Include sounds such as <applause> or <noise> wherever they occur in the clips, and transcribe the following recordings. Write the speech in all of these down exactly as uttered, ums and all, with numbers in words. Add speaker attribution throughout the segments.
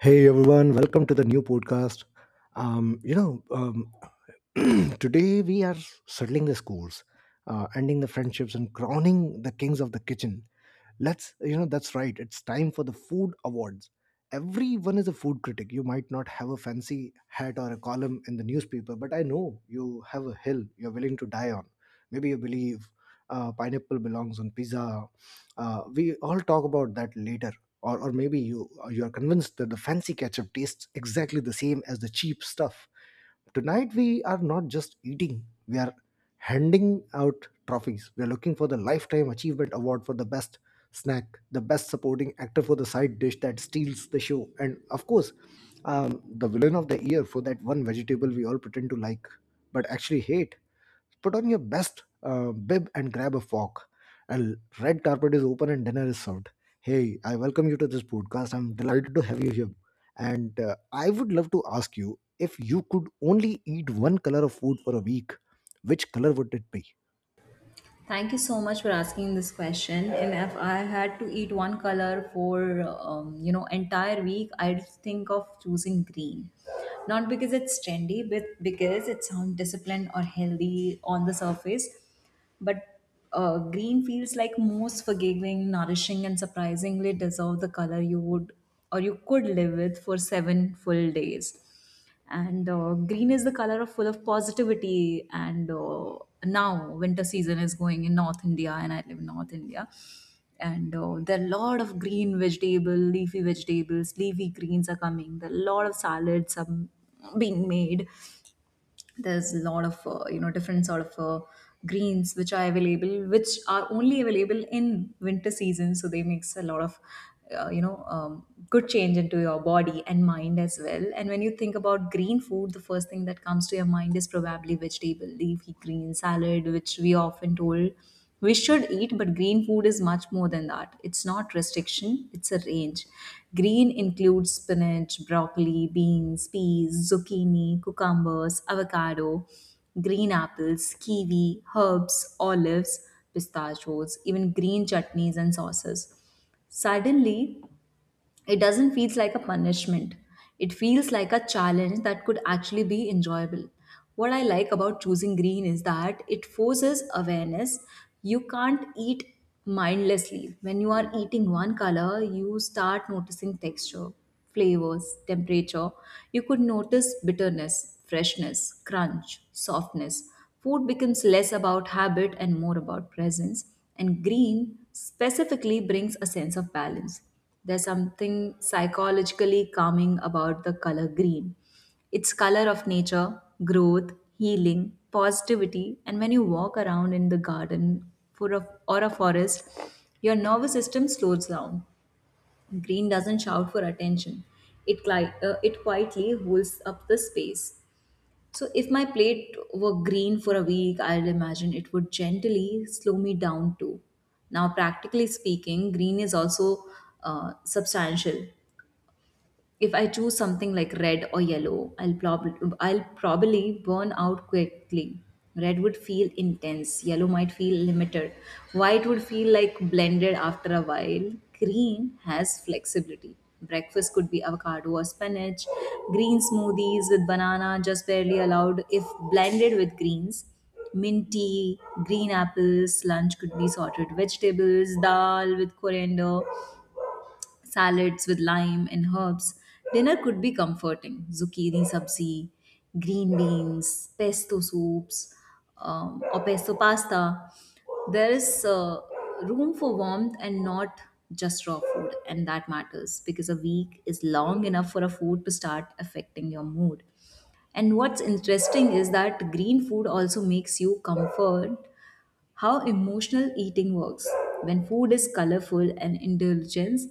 Speaker 1: Hey everyone, welcome to the new podcast. Um, you know, um, <clears throat> Today we are settling the scores, uh, ending the friendships, and crowning the kings of the kitchen. Let's, you know, that's right. It's time for the food awards. Everyone is a food critic. You might not have a fancy hat or a column in the newspaper, but I know you have a hill you're willing to die on. Maybe you believe uh, pineapple belongs on pizza. Uh, we all talk about that later, or, or maybe you you're convinced that the fancy ketchup tastes exactly the same as the cheap stuff. Tonight we are not just eating, we are handing out trophies. We are looking for the lifetime achievement award for the best snack, the best supporting actor for the side dish that steals the show, and of course, um, the villain of the year for that one vegetable we all pretend to like but actually hate. Put on your best uh, bib and grab a fork, and red carpet is open and dinner is served. Hey, I welcome you to this podcast. I'm delighted to have you here. And uh, I would love to ask you, if you could only eat one color of food for a week, which color would it be?
Speaker 2: Thank you so much for asking this question. And if I had to eat one color for um, you know entire week, I'd think of choosing green. Not because it's trendy, but because it sounds disciplined or healthy on the surface. But uh, green feels like most forgiving, nourishing, and surprisingly deserve the color you would or you could live with for seven full days, and uh, green is the color of full of positivity. And uh, now winter season is going in North India, and I live in North India, and uh, there are a lot of green vegetable leafy vegetables leafy greens are coming. There are a lot of salads are being made. There's a lot of uh, you know different sort of uh, greens which are available, which are only available in winter season, so they makes a lot of uh, you know um, good change into your body and mind as well. And when you think about green food, the first thing that comes to your mind is probably vegetable leafy green salad which we often told we should eat, but green food is much more than that. It's not restriction, it's a range. Green includes spinach, broccoli, beans, peas, zucchini, cucumbers, avocado, green apples, kiwi, herbs, olives, pistachios, even green chutneys and sauces. Suddenly, it doesn't feel like a punishment, it feels like a challenge that could actually be enjoyable. What I like about choosing green is that it forces awareness. You can't eat mindlessly. When you are eating one color, you start noticing texture, flavors, temperature. You could notice bitterness, freshness, crunch, softness. Food becomes less about habit and more about presence, and green specifically brings a sense of balance. There's something psychologically calming about the color green. It's color of nature, growth, healing, positivity, and when you walk around in the garden for a, or a forest, your nervous system slows down. Green doesn't shout for attention. It, cli- uh, it quietly holds up the space. So, if my plate were green for a week, I'd imagine it would gently slow me down too. Now, practically speaking, green is also uh, substantial. If I choose something like red or yellow, i'll probably i'll probably burn out quickly. Red would feel intense, yellow might feel limited, white would feel like blended after a while. Green has flexibility. Breakfast could be avocado or spinach, green smoothies with banana just barely allowed if blended with greens, mint tea, green apples. Lunch could be sorted vegetables, dal with coriander, salads with lime and herbs. Dinner could be comforting zucchini sabzi, green beans, pesto soups, um, or pesto pasta. There is uh, room for warmth and not just raw food, and that matters because a week is long enough for a food to start affecting your mood. And what's interesting is that green food also makes you comfort how emotional eating works. When food is colorful and indulgence,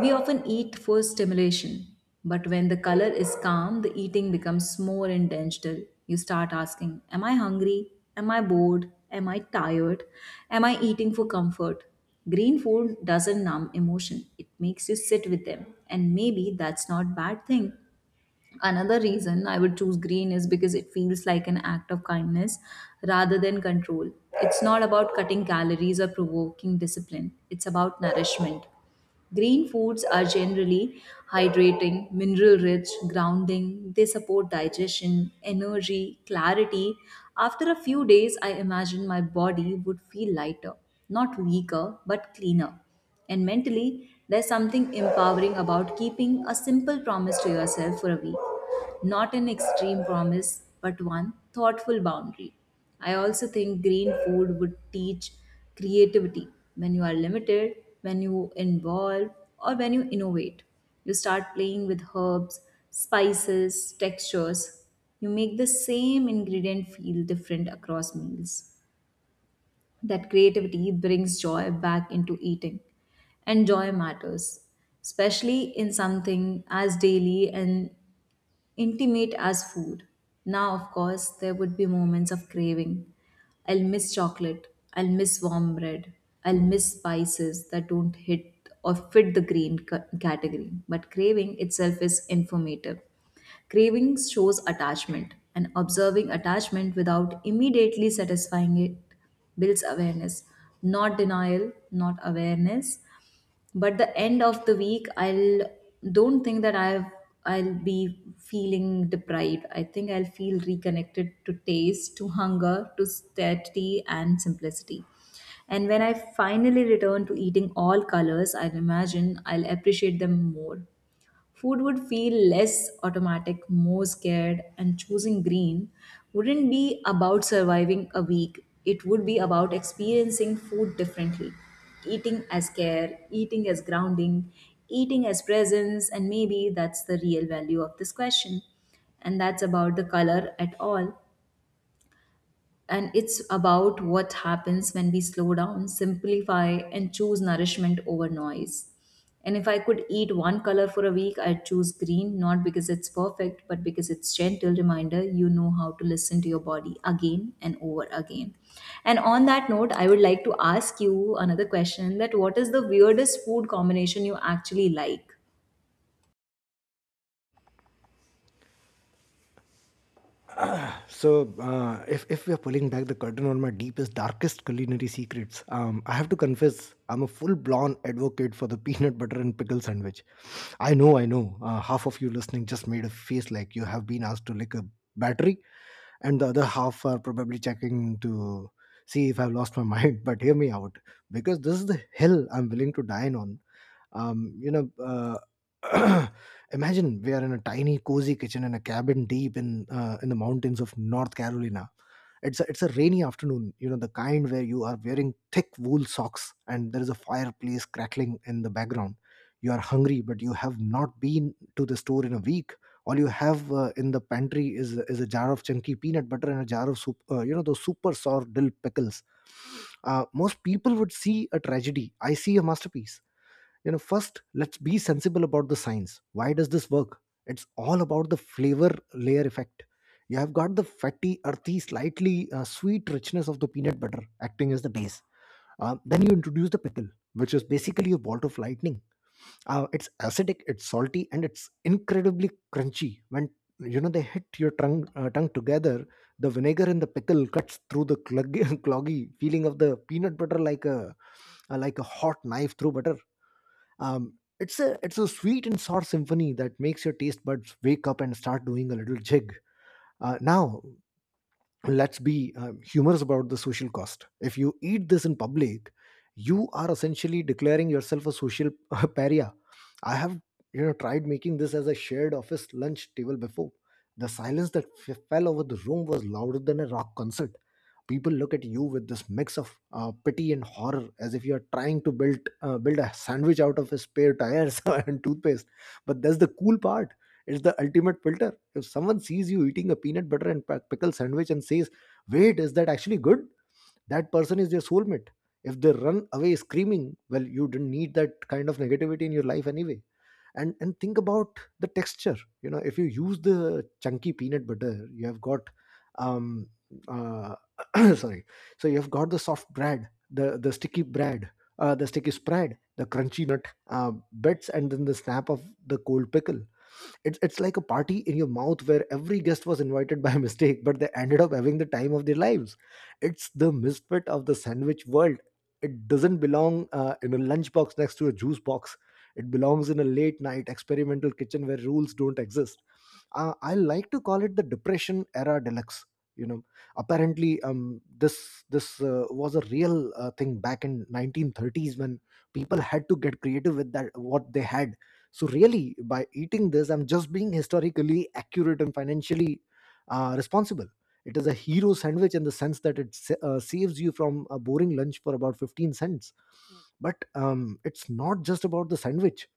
Speaker 2: we often eat for stimulation, but when the color is calm, the eating becomes more intentional. You start asking, am I hungry? Am I bored? Am I tired? Am I eating for comfort? Green food doesn't numb emotion, it makes you sit with them, and maybe that's not a bad thing. Another reason I would choose green is because it feels like an act of kindness rather than control. It's not about cutting calories or provoking discipline, it's about nourishment. Green foods are generally hydrating, mineral rich, grounding. They support digestion, energy, clarity. After a few days, I imagine my body would feel lighter, not weaker, but cleaner. And mentally, there's something empowering about keeping a simple promise to yourself for a week. Not an extreme promise, but one thoughtful boundary. I also think green food would teach creativity. When you are limited, when you involve, or when you innovate, you start playing with herbs, spices, textures. You make the same ingredient feel different across meals. That creativity brings joy back into eating, and joy matters, especially in something as daily and intimate as food. Now, of course, there would be moments of craving. I'll miss chocolate. I'll miss warm bread. I'll miss spices that don't hit or fit the green ca- category. But craving itself is informative. Craving shows attachment, and observing attachment without immediately satisfying it builds awareness. Not denial, not awareness, but the end of the week I'll don't think that i've i'll be feeling deprived. I think I'll feel reconnected to taste, to hunger, to steady and simplicity. And when I finally return to eating all colors, I imagine I'll appreciate them more. Food would feel less automatic, more scared, and choosing green wouldn't be about surviving a week. It would be about experiencing food differently. Eating as care, eating as grounding, eating as presence, and maybe that's the real value of this question. And that's about the color at all, and it's about what happens when we slow down, simplify, and choose nourishment over noise. And if I could eat one color for a week, I'd choose green, not because it's perfect, but because it's gentle reminder you know how to listen to your body again and over again. And on that note, I would like to ask you another question that what is the weirdest food combination you actually like?
Speaker 1: So, uh, if, if we are pulling back the curtain on my deepest, darkest culinary secrets, um, I have to confess I'm a full blown advocate for the <laughs> peanut butter and pickle sandwich. I know, I know, uh, half of you listening just made a face like you have been asked to lick a battery, and the other half are probably checking to see if I've lost my mind. <laughs> But hear me out, because this is the hill I'm willing to die on. Um, you know, uh, <clears throat> Imagine we are in a tiny, cozy kitchen in a cabin deep in uh, in the mountains of North Carolina. It's a, it's a rainy afternoon, you know, the kind where you are wearing thick wool socks and there is a fireplace crackling in the background. You are hungry, but you have not been to the store in a week. All you have uh, in the pantry is is a jar of chunky peanut butter and a jar of soup, uh, you know, those super sour dill pickles. Uh, most people would see a tragedy. I see a masterpiece. You know, first let's be sensible about the science. Why does this work? It's all about the flavor layer effect. You have got the fatty, earthy, slightly uh, sweet richness of the peanut butter acting as the base. Uh, then you introduce the pickle, which is basically a bolt of lightning. Uh, it's acidic, it's salty, and it's incredibly crunchy. When, you know, they hit your tongue, uh, tongue together, the vinegar in the pickle cuts through the cloggy, <laughs> cloggy feeling of the peanut butter like a, uh, like a hot knife through butter. Um, it's a it's a sweet and sour symphony that makes your taste buds wake up and start doing a little jig. Uh, now, let's be um, humorous about the social cost. If you eat this in public, you are essentially declaring yourself a social <laughs> pariah. I have, you know, tried making this as a shared office lunch table before. The silence that f- fell over the room was louder than a rock concert. People look at you with this mix of uh, pity and horror, as if you are trying to build uh, build a sandwich out of spare tires <laughs> and toothpaste. But that's the cool part. It's the ultimate filter. If someone sees you eating a peanut butter and pa- pickle sandwich and says, "Wait, is that actually good?" That person is their soulmate. If they run away screaming, well, you didn't need that kind of negativity in your life anyway. And and think about the texture. You know, if you use the chunky peanut butter, you have got um uh, <coughs> <clears throat> sorry. So you have got the soft bread, the the sticky bread, uh, the sticky spread, the crunchy nut uh, bits, and then the snap of the cold pickle. It's it's like a party in your mouth where every guest was invited by <laughs> mistake, but they ended up having the time of their lives. It's the misfit of the sandwich world. It doesn't belong uh, in a lunchbox next to a juice box. It belongs in a late night experimental kitchen where rules don't exist. uh, I like to call it the depression era deluxe. You know, apparently, um, this this uh, was a real uh, thing back in nineteen thirties, when people had to get creative with that what they had. So really, by eating this, I'm just being historically accurate and financially, uh, responsible. It is a hero sandwich in the sense that it sa- uh, saves you from a boring lunch for about fifteen cents. But um, it's not just about the sandwich,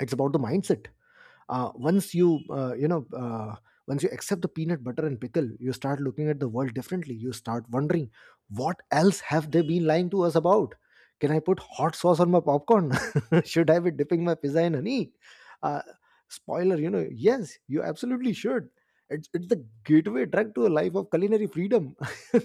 Speaker 1: it's about the mindset. Uh, once you uh, you know uh, once you accept the peanut butter and pickle, you start looking at the world differently. You start wondering, what else have they been lying to us about? Can I put hot sauce on my popcorn? <laughs> Should I be dipping my pizza in honey? uh, Spoiler, you know, yes, you absolutely should. It's, it's the gateway drug to a life of culinary freedom. <laughs>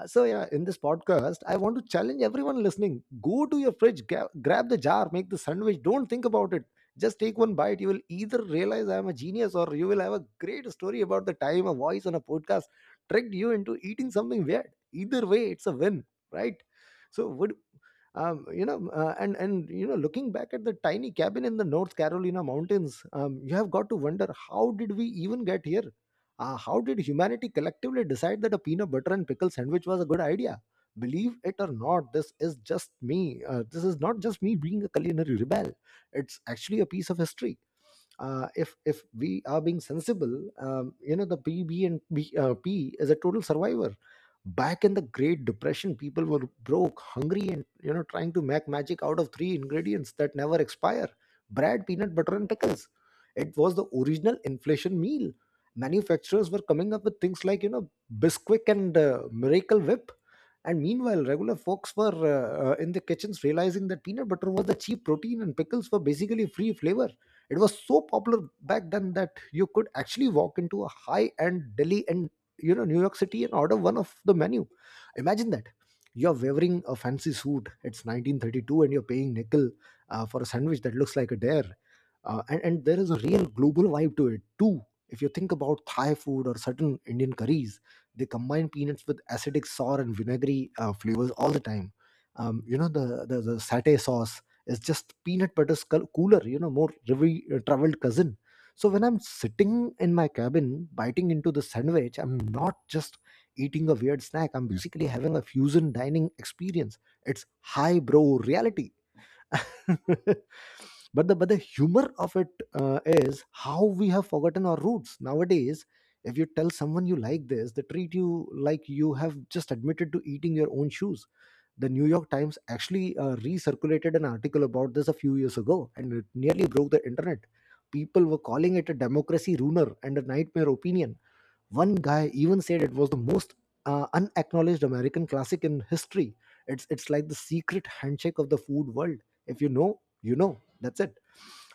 Speaker 1: Uh, so yeah, in this podcast I want to challenge everyone listening: go to your fridge, ga- grab the jar, make the sandwich, don't think about it, just take one bite. You will either realize I am a genius, or you will have a great story about the time a voice on a podcast tricked you into eating something weird. Either way, it's a win, right? So, would um, you know, uh, and and you know, Looking back at the tiny cabin in the North Carolina mountains, um, you have got to wonder, how did we even get here? Uh, how did humanity collectively decide that a peanut butter and pickle sandwich was a good idea? Believe it or not, this is just me. Uh, this is not just me being a culinary rebel, it's actually a piece of history. Uh, if if we are being sensible, um, you know, the P B and B, uh, P is a total survivor. Back in the Great Depression, people were broke, hungry, and you know, trying to make magic out of three ingredients that never expire: bread, peanut butter, and pickles. It was the original inflation meal. Manufacturers were coming up with things like, you know, Bisquick and uh, Miracle Whip. And meanwhile, regular folks were uh, uh, in the kitchens realizing that peanut butter was the cheap protein and pickles were basically free flavor. It was so popular back then that you could actually walk into a high-end Delhi and, you know, New York City, and order one of the menu. Imagine that, you're wearing a fancy suit. It's nineteen thirty-two, and you're paying nickel uh, for a sandwich that looks like a dare. Uh, and, and there is a real global vibe to it too. If you think about Thai food or certain Indian curries, they combine peanuts with acidic, sour, and vinegary uh, flavors all the time. Um, you know, the, the the satay sauce is just peanut butter scull- cooler, you know, more revi- uh, traveled cousin. So when I'm sitting in my cabin biting into the sandwich, I'm not just eating a weird snack, I'm basically having a fusion dining experience. It's high bro reality. <laughs> but the but the humor of it uh, is how we have forgotten our roots nowadays. If you tell someone you like this, they treat you like you have just admitted to eating your own shoes. The New York Times actually uh, recirculated an article about this a few years ago, and it nearly broke the internet. People were calling it a democracy ruiner and a nightmare opinion. One guy even said it was the most uh, unacknowledged American classic in history. It's it's like the secret handshake of the food world. If you know, you know. That's it.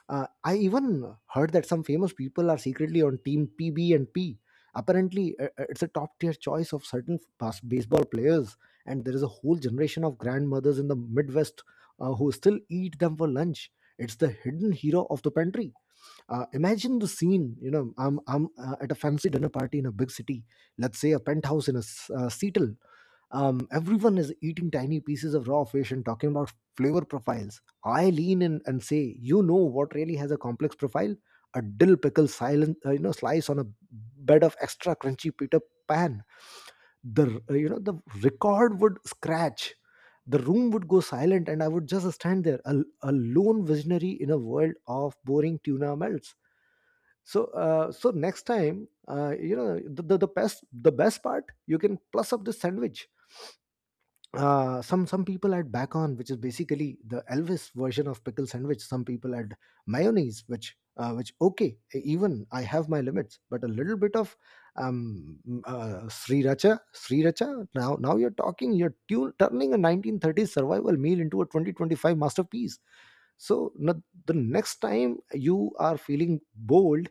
Speaker 1: Uh, I even heard that some famous people are secretly on Team P B and P. Apparently, uh, uh, it's a top tier choice of certain bas- baseball players, and there is a whole generation of grandmothers in the Midwest uh, who still eat them for lunch. It's the hidden hero of the pantry. Uh, imagine the scene. You know, I'm I'm uh, at a fancy dinner party in a big city. Let's say a penthouse in a s- uh, Seattle. Um, everyone is eating tiny pieces of raw fish and talking about flavor profiles. I lean in and say, you know what really has a complex profile? A dill pickle silent, uh, you know, slice on a bed of extra crunchy Peter Pan. The uh, you know the record would scratch, the room would go silent, and I would just stand there, a, a lone visionary in a world of boring tuna melts. So uh, so next time, uh, you know the, the the best the best part, you can plus up this sandwich. Uh, some some people add bacon, which is basically the Elvis version of pickle sandwich. Some people add mayonnaise, which uh, which okay, e, even I have my limits, but a little bit of um uh, sriracha? Sriracha now now you're talking. You're tune, turning a nineteen thirties survival meal into a twenty twenty-five masterpiece. so no- the next time you are feeling bold,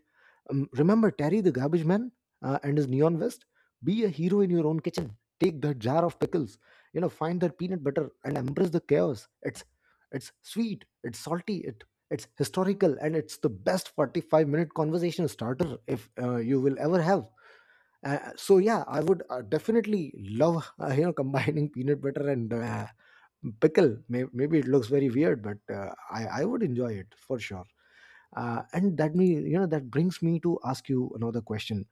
Speaker 1: um, remember Terry the garbage man, uh, and his neon vest. Be a hero in your own kitchen. Take that jar of pickles, you know, find that peanut butter, and embrace the chaos. It's it's sweet, it's salty, it it's historical, and it's the best forty-five minute conversation starter if uh, you will ever have. Uh, so yeah, I would uh, definitely love uh, you know combining <laughs> peanut butter and uh, pickle. May- Maybe it looks very weird, but uh, I I would enjoy it for sure. Uh, and that me you know that brings me to ask you another question.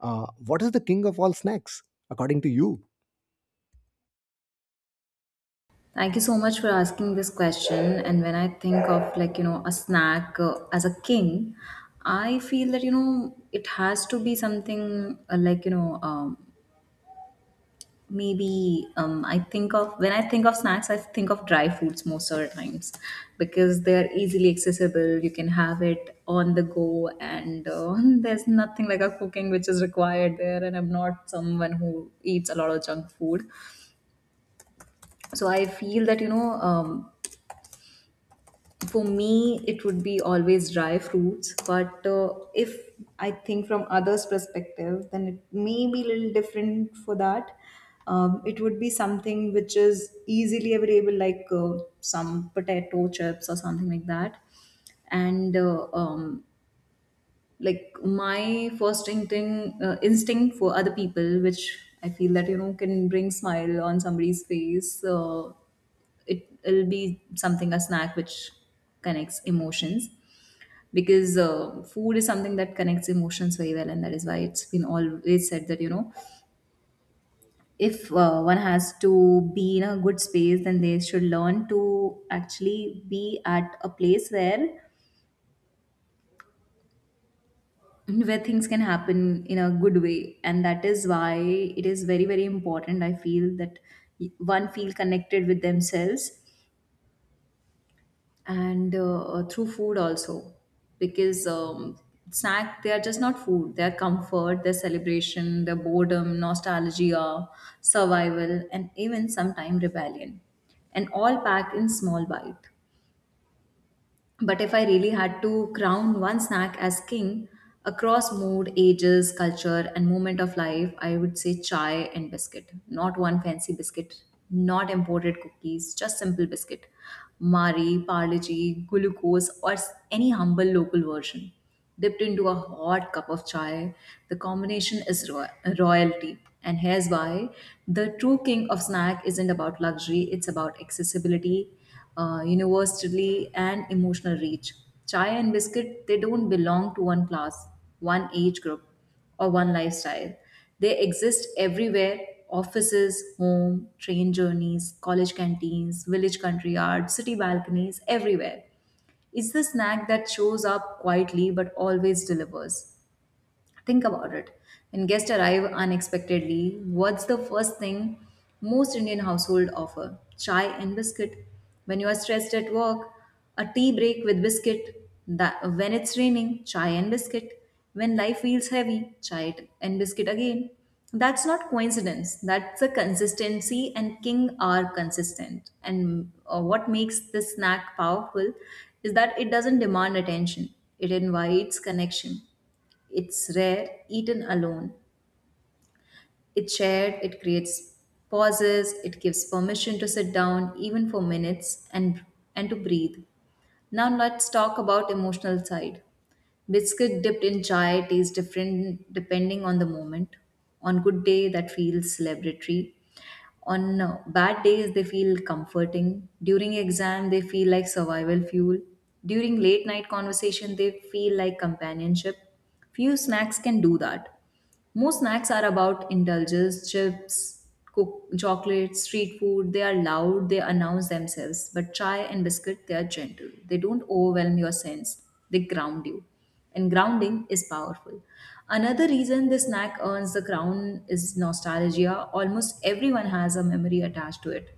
Speaker 1: uh, What is the king of all snacks, according to you?
Speaker 2: Thank you so much for asking this question. And when I think of like, you know, a snack uh, as a king, I feel that, you know, it has to be something uh, like, you know, um, maybe um, I think of, when I think of snacks, I think of dry foods most of the times because they're easily accessible. You can have it on the go, and uh, <laughs> there's nothing like a cooking which is required there. And I'm not someone who eats a lot of junk food. So I feel that, you know, um, for me it would be always dry fruits, but uh, if I think from others perspective then it may be a little different for that. Um, it would be something which is easily available like uh, some potato chips or something like that. And uh, um, like my first instinct uh, instinct for other people, which I feel that you know can bring smile on somebody's face, uh, it, will be something a snack which connects emotions, because uh, food is something that connects emotions very well, and that is why it's been always said that you know if uh, one has to be in a good space then they should learn to actually be at a place where where things can happen in a good way. And that is why it is very very important. I feel that one feel connected with themselves and uh, through food also, because um, snack they are just not food, they are comfort, their celebration, their boredom, nostalgia, survival, and even sometime rebellion, and all packed in small bite. But if I really had to crown one snack as king across mood, ages, culture, and moment of life, I would say chai and biscuit. Not one fancy biscuit, not imported cookies, just simple biscuit. Mari, Parle-G, glucose, or s- any humble local version. Dipped into a hot cup of chai, the combination is ro- royalty. And here's why: the true king of snack isn't about luxury, it's about accessibility, uh, universally, and emotional reach. Chai and biscuit, they don't belong to one class, one age group, or one lifestyle. They exist everywhere: offices, home, train journeys, college canteens, village country yard, city balconies, everywhere. It's the snack that shows up quietly but always delivers. Think about it. When guests arrive unexpectedly, what's the first thing most Indian household offer? Chai and biscuit. When you are stressed at work, a tea break with biscuit. That when it's raining, chai and biscuit. When life feels heavy, chai and biscuit again. That's not coincidence. That's a consistency, and king are consistent. And uh, what makes this snack powerful is that it doesn't demand attention. It invites connection. It's rare, eaten alone. It's shared, it creates pauses, it gives permission to sit down even for minutes and and to breathe. Now let's talk about emotional side. Biscuit dipped in chai tastes different depending on the moment. On good day that feels celebratory. On uh, bad days they feel comforting. During exam they feel like survival fuel. During late night conversation they feel like companionship. Few snacks can do that. Most snacks are about indulges, chips, cook, chocolate, street food. They are loud, they announce themselves. But chai and biscuit, they are gentle. They don't overwhelm your sense, they ground you. And grounding is powerful. Another reason this snack earns the crown is nostalgia. Almost everyone has a memory attached to it: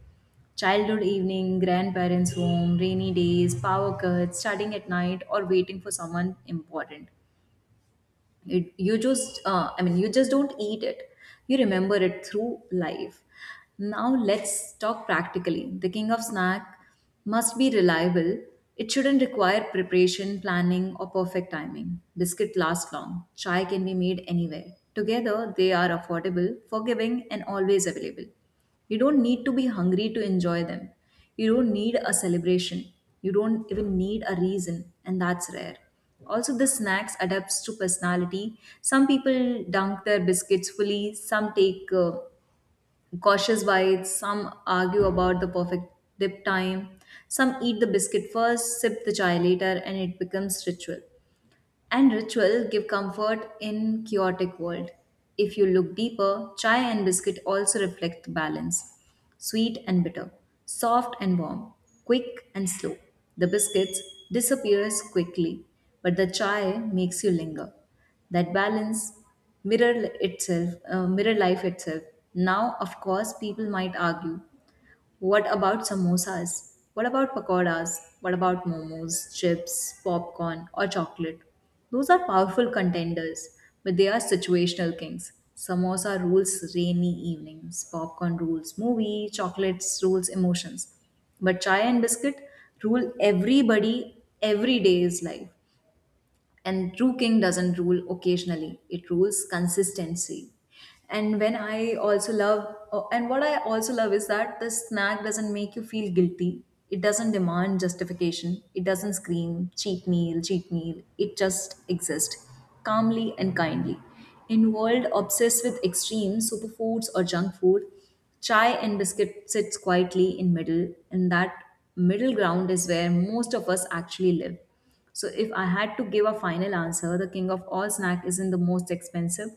Speaker 2: childhood evening, grandparents' home, rainy days, power cuts, studying at night, or waiting for someone important. You, you just, uh, I mean, you just don't eat it, you remember it through life. Now let's talk practically. The king of snack must be reliable. It shouldn't require preparation, planning, or perfect timing. Biscuit last long, chai can be made anywhere. Together they are affordable, forgiving, and always available. You don't need to be hungry to enjoy them. You don't need a celebration. You don't even need a reason, and that's rare. Also, the snacks adapts to personality. Some people dunk their biscuits fully, some take uh, cautious bites, some argue about the perfect dip time, some eat the biscuit first, sip the chai later, and it becomes ritual, and ritual give comfort in chaotic world. If you look deeper, chai and biscuit also reflect the balance. Sweet and bitter, soft and warm, quick and slow. The biscuits disappears quickly, but the chai makes you linger. That balance mirror itself, uh, mirror life itself. Now, of course, people might argue, what about samosas? What about pakoras? What about momos, chips, popcorn, or chocolate? Those are powerful contenders, but they are situational kings. Samosa rules rainy evenings, popcorn rules movie, chocolates rules emotions. But chai and biscuit rule everybody every day's life, and true king doesn't rule occasionally, it rules consistency. And when i also love oh, and what I also love is that the snack doesn't make you feel guilty. It doesn't demand justification, it doesn't scream cheat meal, cheat meal, it just exists calmly and kindly. Involved obsessed with extreme superfoods or junk food. Chai and biscuit sits quietly in middle, and that middle ground is where most of us actually live. So if I had to give a final answer, the king of all snack isn't the most expensive,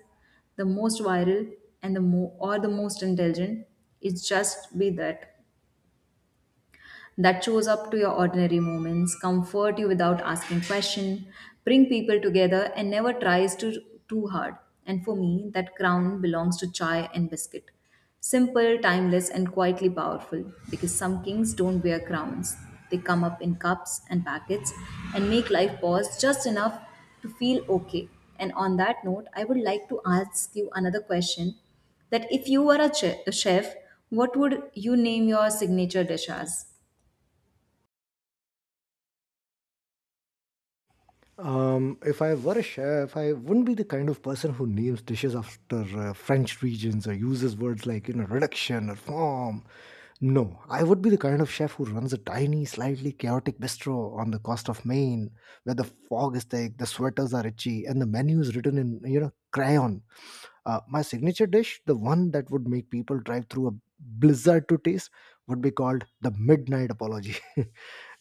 Speaker 2: the most viral, and the mo- or the most intelligent. It's just be that that shows up to your ordinary moments, comfort you without asking question, bring people together, and never tries to too hard. And for me, that crown belongs to chai and biscuit. Simple, timeless, and quietly powerful, because some kings don't wear crowns. They come up in cups and packets and make life pause just enough to feel okay. And on that note, I would like to ask you another question that if you were a, che- a chef, what would you name your signature dish as?
Speaker 1: Um, if I were a chef, I wouldn't be the kind of person who names dishes after uh, French regions or uses words like, you know, reduction or form. No, I would be the kind of chef who runs a tiny, slightly chaotic bistro on the coast of Maine, where the fog is thick, the sweaters are itchy, and the menu is written in, you know, crayon. Uh, my signature dish, the one that would make people drive through a blizzard to taste, would be called The Midnight Apology. <laughs>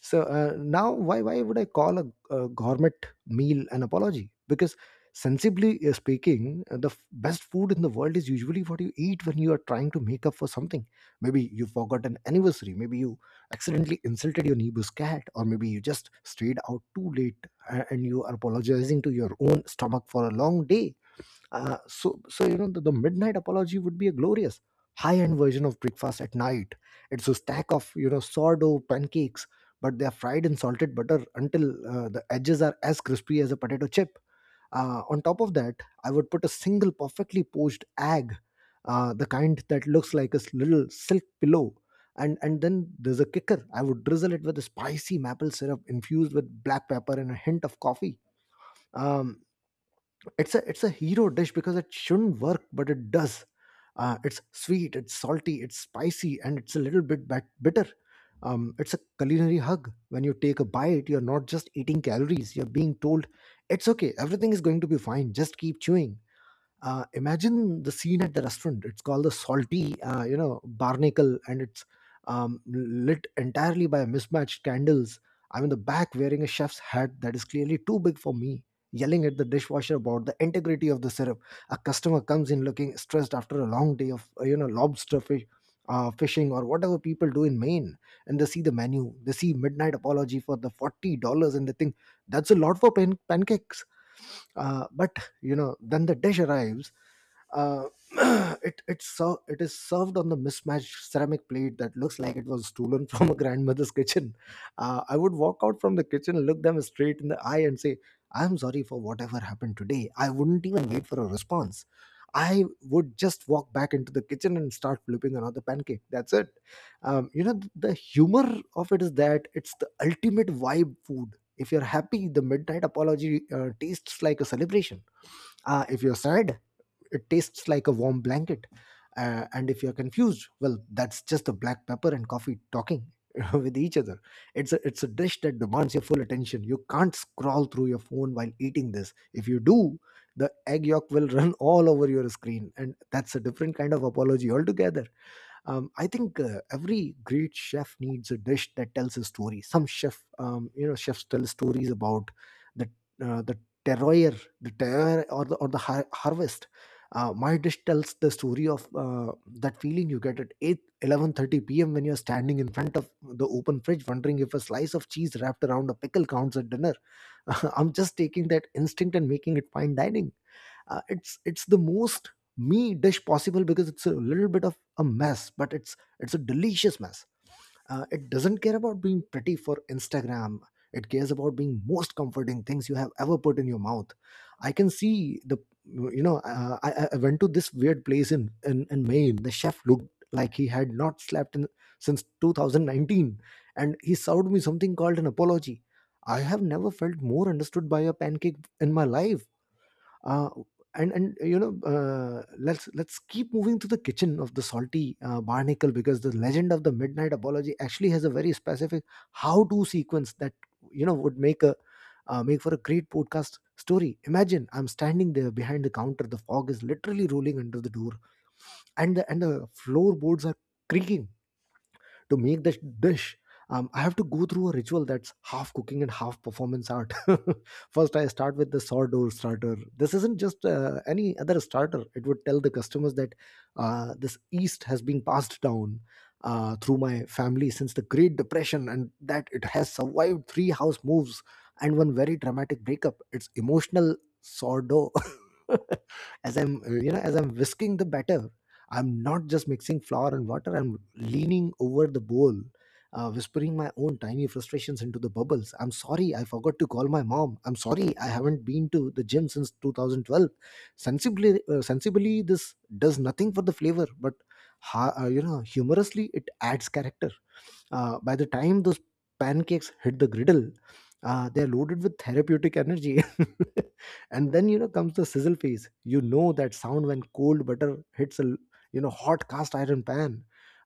Speaker 1: so uh, now, why why would I call a, a gourmet meal an apology? Because sensibly uh, speaking, uh, the f- best food in the world is usually what you eat when you are trying to make up for something. Maybe you forgot an anniversary. Maybe you accidentally insulted your neighbor's cat, or maybe you just stayed out too late a- and you are apologizing to your own stomach for a long day. Uh, so, so you know, the, the midnight apology would be a glorious, high-end version of breakfast at night. It's a stack of, you know, sourdough pancakes, but they are fried in salted butter until uh, the edges are as crispy as a potato chip. Uh, on top of that, I would put a single perfectly poached egg, uh, the kind that looks like a s- little silk pillow. And, and then there's a kicker. I would drizzle it with a spicy maple syrup infused with black pepper and a hint of coffee. Um, it's a it's a hero dish because it shouldn't work, but it does. Uh, it's sweet, it's salty, it's spicy, and it's a little bit bit bitter. Um, it's a culinary hug. When you take a bite, you're not just eating calories, you're being told it's okay, everything is going to be fine, just keep chewing. Uh, imagine the scene at the restaurant. It's called The Salty, uh, you know, Barnacle, and it's um, lit entirely by mismatched candles. I'm in the back wearing a chef's hat that is clearly too big for me, yelling at the dishwasher about the integrity of the syrup. A customer comes in looking stressed after a long day of, uh, you know, lobster fish, uh, fishing, or whatever people do in Maine. And they see the menu, they see Midnight Apology for the forty dollars and they think, that's a lot for pan- pancakes. Uh, but, you know, then the dish arrives. Uh, <clears throat> it it's ser- It is served on the mismatched ceramic plate that looks like it was stolen <laughs> from a grandmother's kitchen. Uh, I would walk out from the kitchen, look them straight in the eye, and say, "I'm sorry for whatever happened today." I wouldn't even wait for a response. I would just walk back into the kitchen and start flipping another pancake. That's it. Um, you know, th- the humor of it is that it's the ultimate vibe food. If you're happy, the midnight apology uh, tastes like a celebration. Uh, if you're sad, it tastes like a warm blanket. Uh, and if you're confused, well, that's just the black pepper and coffee talking <laughs> with each other. It's a it's a dish that demands your full attention. You can't scroll through your phone while eating this. If you do, the egg yolk will <laughs> run all over your screen, and that's a different kind of apology altogether. Um, i think uh, every great chef needs a dish that tells a story. Some chef um, you know chefs tell stories about the uh, the terroir. the terroir or the or the har- harvest. Uh, my dish tells the story of uh, that feeling you get at eight eleven thirty p m when you're standing in front of the open fridge wondering if a slice of cheese wrapped around a pickle counts at dinner. <laughs> I'm just taking that instinct and making it fine dining. Uh, it's it's the most me dish possible because it's a little bit of a mess, but it's it's a delicious mess. Uh, it doesn't care about being pretty for Instagram. It cares about being most comforting things you have ever put in your mouth. I can see the, you know uh, I, I I went to this weird place in, in in Maine. The chef looked like he had not slept in since two thousand nineteen, and he served me something called an apology. I have never felt more understood by a pancake in my life. Uh, and and you know, uh, let's let's keep moving to the kitchen of the Salty uh, Barnacle, because the legend of the midnight apology actually has a very specific how to sequence that, you know, would make a uh, make for a great podcast story. Imagine I'm standing there behind the counter, the fog is literally rolling under the door, and the and the floorboards are creaking. To make this dish, um, I have to go through a ritual that's half cooking and half performance art. <laughs> First, I start with the sourdough starter. This isn't just uh, any other starter. It would tell the customers that uh, this yeast has been passed down uh, through my family since the Great Depression, and that it has survived three house moves and one very dramatic breakup. It's emotional sourdough. <laughs> as i'm uh, you know as i'm whisking the batter, I'm not just mixing flour and water, I'm leaning over the bowl, uh, whispering my own tiny frustrations into the bubbles. I'm sorry, I forgot to call my mom. I'm sorry, I haven't been to the gym since twenty twelve. Sensibly, uh, sensibly this does nothing for the flavor, but ha- uh, you know, humorously, it adds character. Uh, by the time those pancakes hit the griddle, uh, they're loaded with therapeutic energy. <laughs> And then, you know, comes the sizzle phase. You know that sound when cold butter hits a, you know, hot cast iron pan.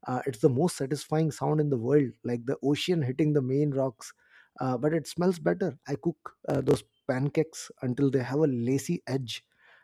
Speaker 1: Uh, it's the most satisfying sound in the world, like the ocean hitting the main rocks. Uh, but it smells better. I cook uh, those pancakes until they have a lacy edge.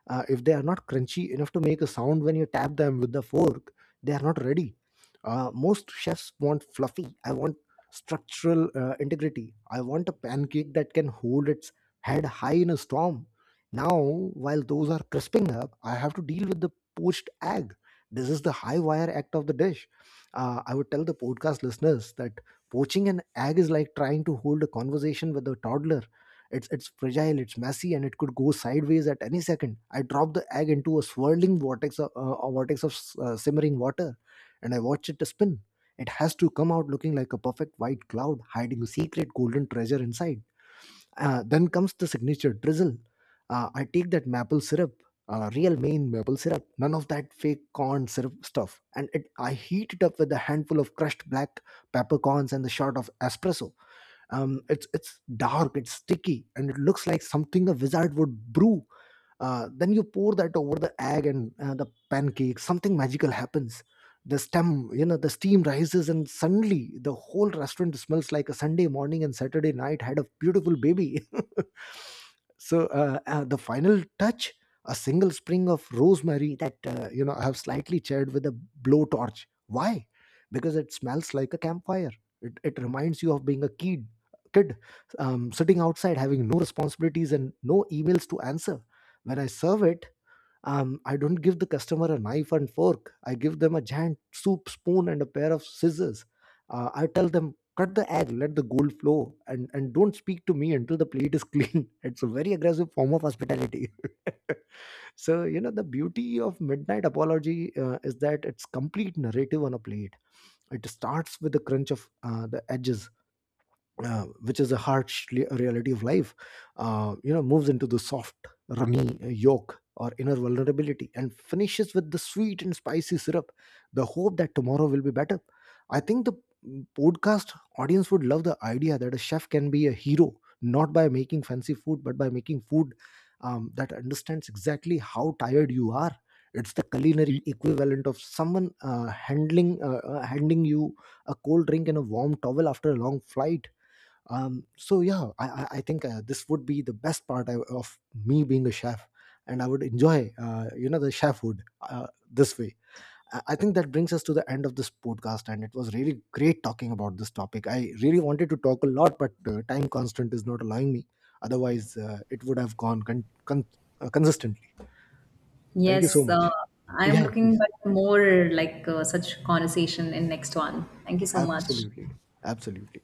Speaker 1: Uh, if they are not crunchy enough to make a sound when you tap them with the fork, they are not ready. Uh, most chefs want fluffy. I want structural uh, integrity. I want a pancake that can hold its head high in a storm. Now, while those are crisping up, I have to deal with the poached egg. This is the high wire act of the dish. Uh, I would tell the podcast listeners that poaching an egg is like trying to hold a conversation with a toddler. It's it's fragile, it's messy, and it could go sideways at any second. I drop the egg into a swirling vortex of uh, a vortex of uh, simmering water, and I watch it spin. It has to come out looking like a perfect white cloud hiding a secret golden treasure inside. Uh, then comes the signature drizzle. Uh, I take that maple syrup, uh, real Maine maple syrup, none of that fake corn syrup stuff, and it, I heat it up with a handful of crushed black peppercorns and a shot of espresso. Um, it's it's dark, it's sticky, and it looks like something a wizard would brew. Uh, then you pour that over the egg and uh, the pancake. Something magical happens. The stem, you know, the steam rises, and suddenly the whole restaurant smells like a Sunday morning and Saturday night had a beautiful baby. <laughs> so uh, uh, the final touch: a single spring of rosemary that, uh, you know I have slightly charred with a blowtorch. Why? Because it smells like a campfire. It, it reminds you of being a kid kid, um, sitting outside having no responsibilities and no emails to answer. When I serve it, um, I don't give the customer a knife and fork. I give them a giant soup spoon and a pair of scissors. Uh, I tell them, cut the egg, let the gold flow, and, and don't speak to me until the plate is clean. <laughs> It's a very aggressive form of hospitality. <laughs> So, you know, the beauty of Midnight Apology uh, is that it's complete narrative on a plate. It starts with the crunch of uh, the edges, uh, which is a harsh le- reality of life, uh, you know, moves into the soft, runny uh, yolk, or inner vulnerability, and finishes with the sweet and spicy syrup, the hope that tomorrow will be better. I think the mm, podcast audience would love the idea that a chef can be a hero, not by making fancy food, but by making food um, that understands exactly how tired you are. It's the culinary equivalent of someone uh, handling uh, uh, handing you a cold drink and a warm towel after a long flight. Um, so yeah, i, I I think uh, this would be the best part I- of me being a chef, and I would enjoy, uh, you know the chefhood uh, this way. I I think that brings us to the end of this podcast, and it was really great talking about this topic. I really wanted to talk a lot, but uh, time constant is not allowing me. Otherwise, uh, it would have gone con- con- uh, consistently. Thank you so
Speaker 2: Yes, uh,
Speaker 1: much.
Speaker 2: I'm
Speaker 1: Yeah, yeah,
Speaker 2: looking
Speaker 1: please.
Speaker 2: for more like uh, such conversation in next one. Thank you so much.
Speaker 1: Absolutely. Absolutely.